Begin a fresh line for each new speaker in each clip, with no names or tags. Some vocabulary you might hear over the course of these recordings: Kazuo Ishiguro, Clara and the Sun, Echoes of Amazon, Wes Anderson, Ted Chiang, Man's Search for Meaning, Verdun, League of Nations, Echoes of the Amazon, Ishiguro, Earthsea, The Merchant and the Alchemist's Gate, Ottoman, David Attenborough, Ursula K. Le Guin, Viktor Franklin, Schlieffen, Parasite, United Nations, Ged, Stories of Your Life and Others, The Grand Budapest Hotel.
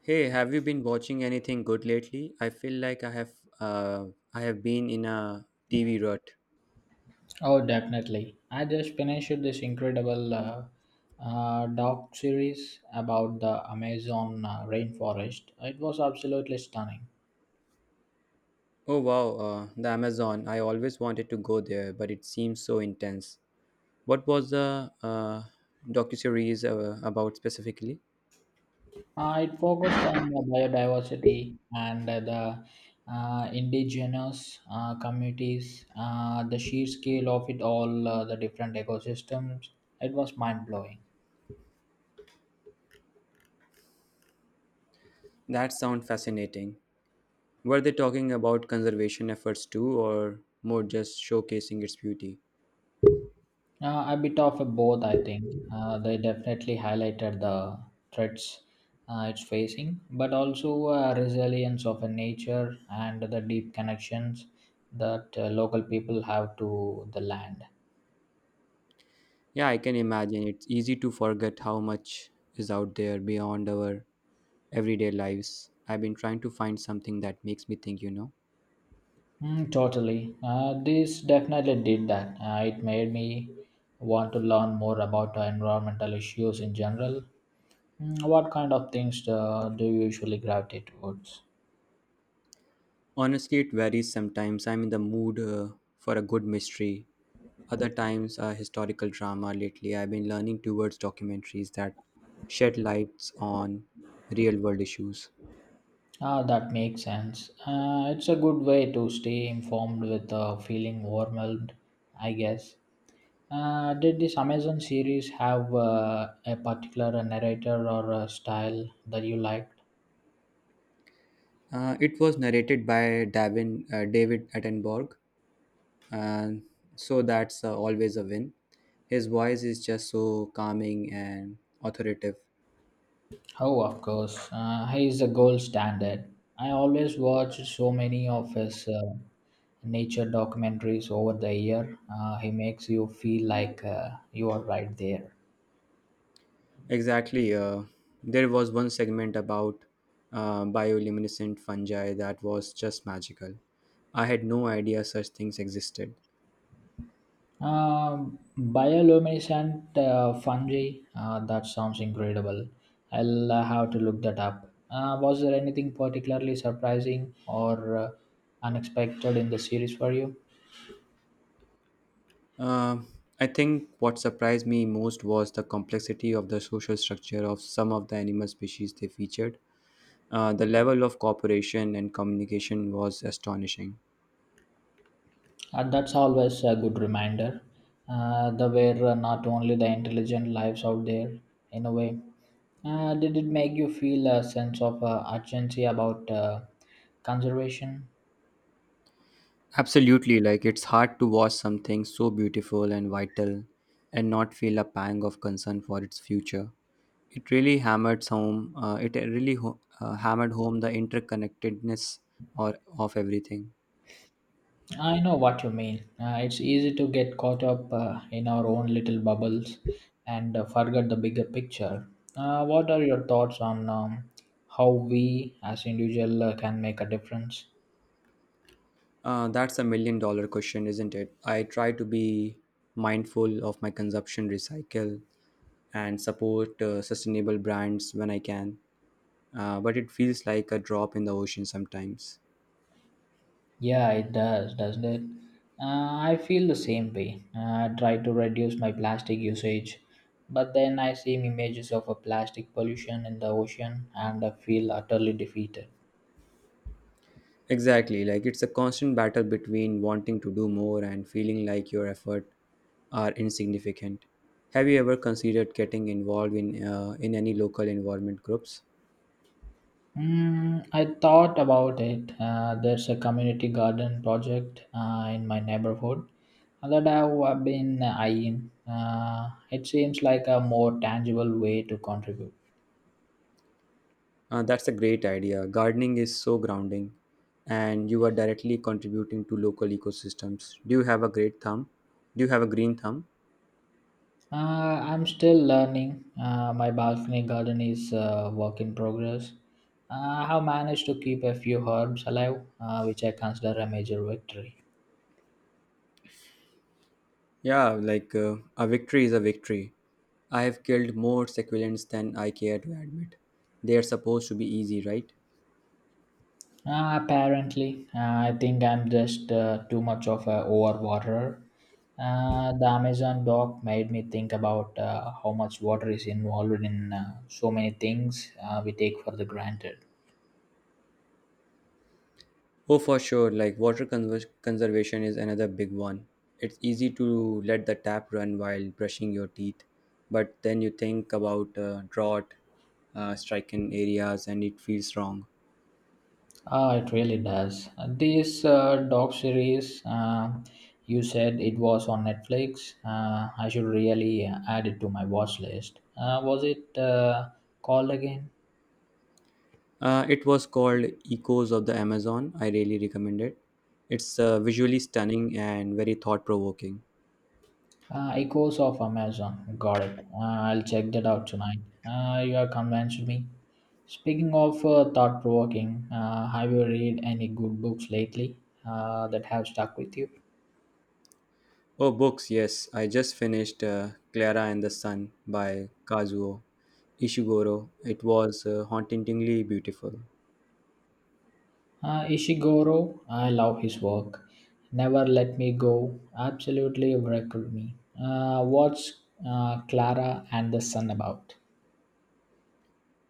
Hey, have you been watching anything good lately? I feel like uh, I have been in a TV rut.
Oh, definitely. I just finished this incredible doc series about the Amazon rainforest. It was absolutely stunning.
Oh wow, the Amazon. I always wanted to go there, but it seems so intense. What was the docuseries about specifically?
It focused on the biodiversity and the indigenous communities, the sheer scale of it all, the different ecosystems. It was mind blowing.
That sounds fascinating. Were they talking about conservation efforts too, or more just showcasing its beauty?
A bit of a both, I think. They definitely highlighted the threats it's facing, but also resilience of a nature and the deep connections that local people have to the land.
Yeah, I can imagine. It's easy to forget how much is out there beyond our everyday lives. I've been trying to find something that makes me think.
Mm, totally. This definitely did that. It made me want to learn more about environmental issues in general. Mm, what kind of things do you usually gravitate towards?
Honestly, it varies sometimes. I'm in the mood for a good mystery, other times a historical drama. Lately, I've been leaning towards documentaries that shed lights on real world issues.
Ah, that makes sense. It's a good way to stay informed without feeling overwhelmed, I guess. Did this Amazon series have a particular narrator or a style that you liked?
It was narrated by David Attenborough, and so that's always a win. His voice is just so calming and authoritative.
Oh, of course. He is the gold standard. I always watch so many of his nature documentaries over the year. He makes you feel like you are right there.
Exactly. There was one segment about bioluminescent fungi that was just magical. I had no idea such things existed.
Bioluminescent fungi. That sounds incredible. I'll have to look that up. Was there anything particularly surprising or unexpected in the series for you?
Uh, I think what surprised me most was the complexity of the social structure of some of the animal species they featured. The level of cooperation and communication was astonishing.
And that's always a good reminder. There were not only the intelligent lives out there, in a way. Did it make you feel a sense of urgency about conservation?
Absolutely, like it's hard to watch something so beautiful and vital and not feel a pang of concern for its future. It really hammered home. It really ho- hammered home the interconnectedness or of everything.
I know what you mean. It's easy to get caught up in our own little bubbles and forget the bigger picture. What are your thoughts on how we as individual can make a difference?
That's a million dollar question, isn't it? I try to be mindful of my consumption recycle and support sustainable brands when I can, but it feels like a drop in the ocean sometimes.
Yeah, it does, doesn't it? I feel the same way. I try to reduce my plastic usage, but then I see images of a plastic pollution in the ocean and I feel utterly defeated.
Exactly, like it's a constant battle between wanting to do more and feeling like your effort are insignificant. Have you ever considered getting involved in any local environment groups?
Mm, I thought about it. There's a community garden project in my neighborhood that I've been eyeing. It seems like a more tangible way to contribute.
That's a great idea. Gardening is so grounding, and you are directly contributing to local ecosystems. Do you have a great thumb? Do you have a green thumb?
Uh, I'm still learning. My balcony garden is a work in progress. Uh, I have managed to keep a few herbs alive, which I consider a major victory.
Yeah, like a victory is a victory. I have killed more succulents than I care to admit. They are supposed to be easy, right?
Apparently, I think I'm just too much of a overwaterer. The Amazon doc made me think about how much water is involved in so many things we take for the granted.
Oh, for sure. Like water conservation is another big one. It's easy to let the tap run while brushing your teeth, but then you think about drought, stricken areas, and it feels wrong.
Ah, it really does. This doc series, you said it was on Netflix. I should really add it to my watch list. Was it called again?
It was called Echoes of the Amazon. I really recommend it. It's visually stunning and very thought provoking.
Echoes of Amazon. Got it. I'll check that out tonight. You have convinced me. Speaking of thought provoking, have you read any good books lately that have stuck with you?
Oh, books, yes. I just finished Clara and the Sun by Kazuo Ishiguro. It was hauntingly beautiful.
Ishiguro, I love his work. Never Let Me Go absolutely wrecked me. What's Clara and the Sun about?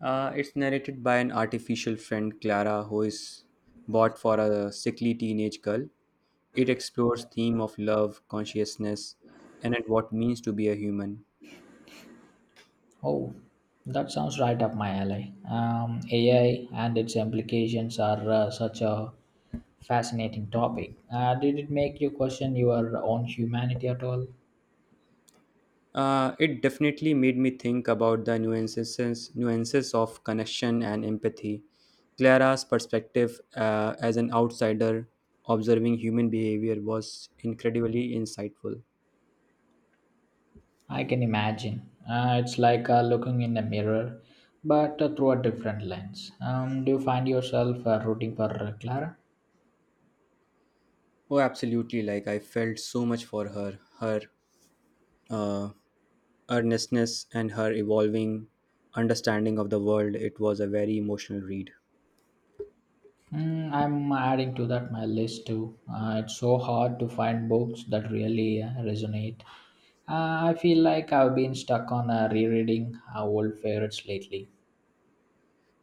It's narrated by an artificial friend, Clara, who is bought for a sickly teenage girl. It explores theme of love, consciousness, and at what means to be a human.
Oh, that sounds right up my alley. AI and its implications are such a fascinating topic. Did it make you question your own humanity at all?
It definitely made me think about the nuances of connection and empathy. Clara's perspective as an outsider observing human behavior was incredibly insightful.
I can imagine. It's like looking in a mirror, but through a different lens. Do you find yourself rooting for Clara?
Oh, absolutely! Like I felt so much for her. Her uh, earnestness and her evolving understanding of the world it was a very emotional read
Mm, I'm adding to that my list too. It's so hard to find books that really resonate. I feel like I've been stuck on rereading old favorites lately.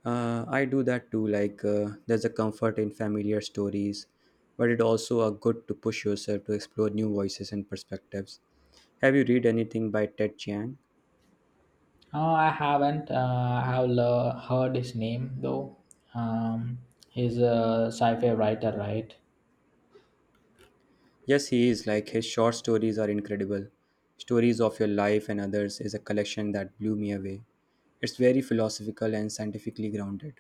I do that too like there's a comfort in familiar stories but it also a good to push yourself to explore new voices and perspectives. Have you read anything by Ted Chiang?
I haven't. I have heard his name though. Um, he's a sci-fi writer, right?
Yes he is, like his short stories are incredible. Stories of Your Life and Others is a collection that blew me away. It's very philosophical and scientifically grounded.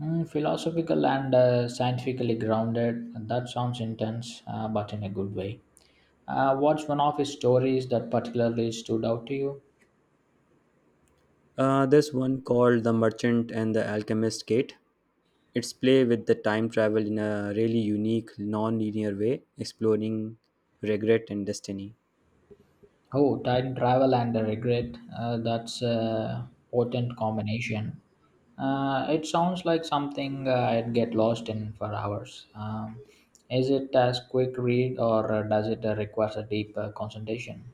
Mm, philosophical and scientifically grounded. That sounds intense, but in a good way. What's one of his stories that particularly stood out to you?
There's one called The Merchant and the Alchemist Kate. It's play with the time travel in a really unique, non-linear way, exploring regret and destiny.
Oh, time travel and the regret. That's a potent combination. It sounds like something I'd get lost in for hours. Is it as quick read or does it require a deep concentration?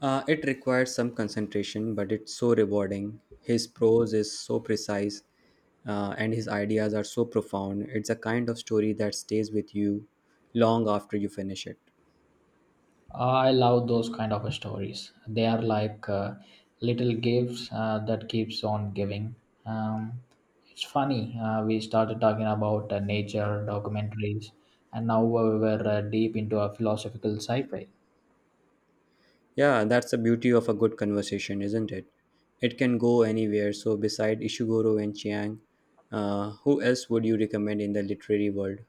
It requires some concentration, but it's so rewarding. His prose is so precise, and his ideas are so profound. It's a kind of story that stays with you long after you finish it.
I love those kind of stories. They are like little gifts that keeps on giving. Um, it's funny. We started talking about nature documentaries, and now we were deep into a philosophical sci-fi.
Yeah, that's the beauty of a good conversation, isn't it? It can go anywhere. So, beside Ishiguro and Chiang, who else would you recommend in the literary world?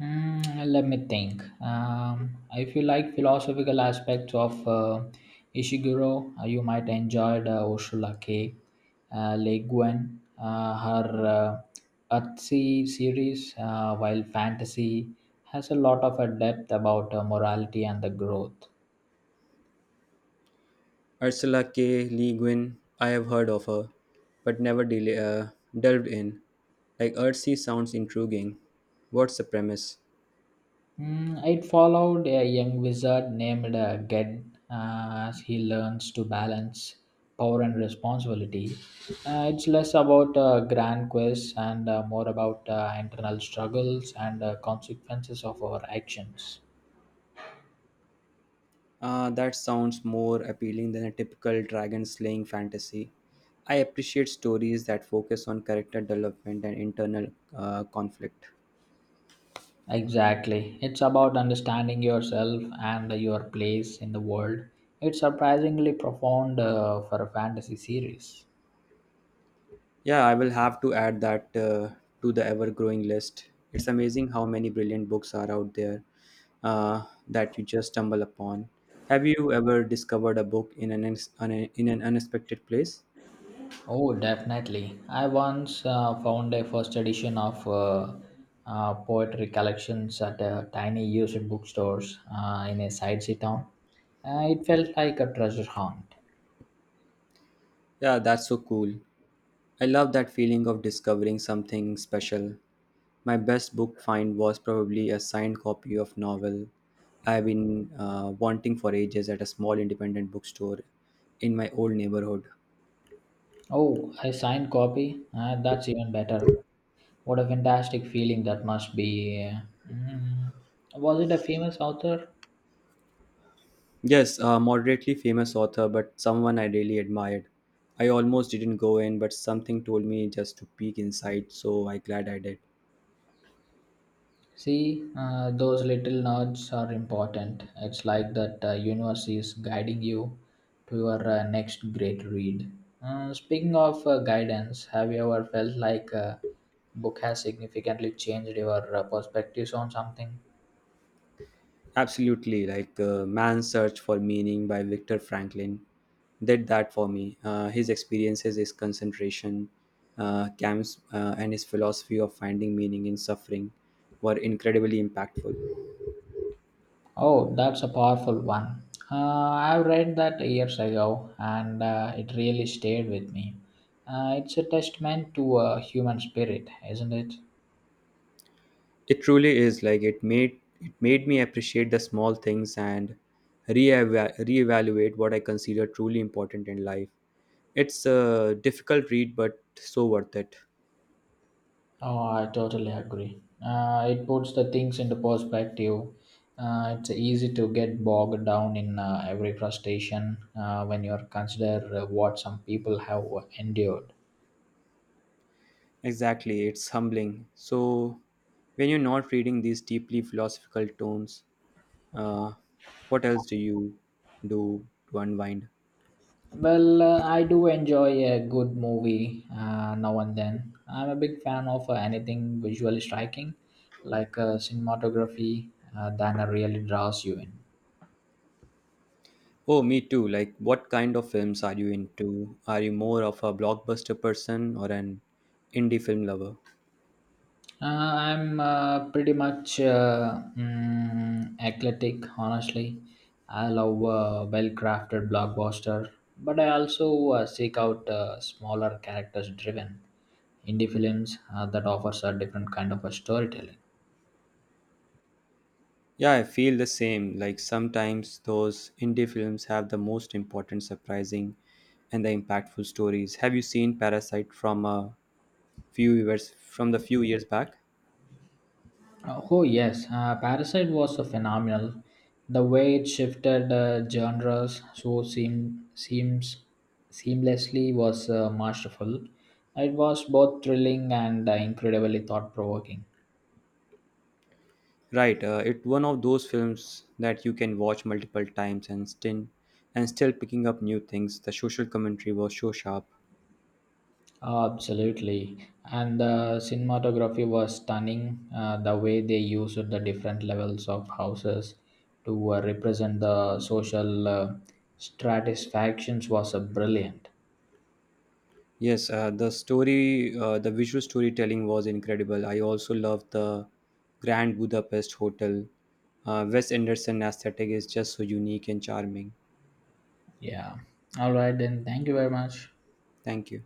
Mm, let me think. If you like philosophical aspects of Ishiguro, you might enjoy the Ursula K. Le Guin, her Earthsea series, while fantasy has a lot of a depth about morality and the growth.
Ursula K. Le Guin, I have heard of her, but never delved in. Like Earthsea sounds intriguing. What's the premise?
Mm, it followed a young wizard named Ged as he learns to balance power and responsibility. It's less about grand quests and more about internal struggles and consequences of our actions.
Ah, that sounds more appealing than a typical dragon slaying fantasy. I appreciate stories that focus on character development and internal conflict.
Exactly. It's about understanding yourself and your place in the world. It's surprisingly profound for a fantasy series.
Yeah, I will have to add that to the ever growing list. It's amazing how many brilliant books are out there that you just stumble upon. Have you ever discovered a book in an, uns- on a- in an unexpected place?
Oh, definitely. I once found a first edition of poetry collections at a tiny used bookstores in a side city town. It felt like a treasure hunt.
Yeah, that's so cool. I love that feeling of discovering something special. My best book find was probably a signed copy of novel I've been wanting for ages at a small independent bookstore in my old neighborhood.
Oh, a signed copy? That's even better. What a fantastic feeling that must be. Mm, was it a famous author?
Yes, a moderately famous author, but someone I really admired. I almost didn't go in, but something told me just to peek inside, so I glad I did.
See, those little nods are important. It's like that universe is guiding you to your next great read. Speaking of guidance, have you ever felt like a book has significantly changed your perspectives on something?
Absolutely, like Man's Search for Meaning by Viktor Franklin did that for me. His experiences, his concentration camps, and his philosophy of finding meaning in suffering were incredibly impactful.
Oh, that's a powerful one. Uh, I've read that years ago and it really stayed with me. It's a testament to a human spirit, isn't it?
It truly is like it made me appreciate the small things and reevaluate what I consider truly important in life. It's a difficult read, but so worth it.
Oh, I totally agree. It puts the things into perspective. It's easy to get bogged down in every frustration when you consider what some people have endured.
Exactly, it's humbling. So when you're not reading these deeply philosophical tomes, uh, what else do you do to unwind?
Well, I do enjoy a good movie now and then. I'm a big fan of anything visually striking, like cinematography, that really draws you in.
Oh, me too. Like, what kind of films are you into? Are you more of a blockbuster person or an indie film lover?
I'm pretty much eclectic, honestly. I love well-crafted blockbuster, but I also seek out smaller characters-driven indie films that offers a different kind of a storytelling.
Yeah, I feel the same. Like sometimes those indie films have the most important, surprising, and the impactful stories. Have you seen Parasite from the few years back?
Oh yes, Parasite was a phenomenal. The way it shifted genres so seem, seems seamlessly was masterful. It was both thrilling and incredibly thought provoking.
Right, it's one of those films that you can watch multiple times and still picking up new things. The social commentary was so sharp.
Absolutely, and the cinematography was stunning. The way they used the different levels of houses to represent the social stratisfactions was brilliant.
Yes, the visual storytelling was incredible. I also loved the Grand Budapest Hotel. Wes Anderson aesthetic is just so unique and charming.
Yeah. All right then. Thank you very much.
Thank you.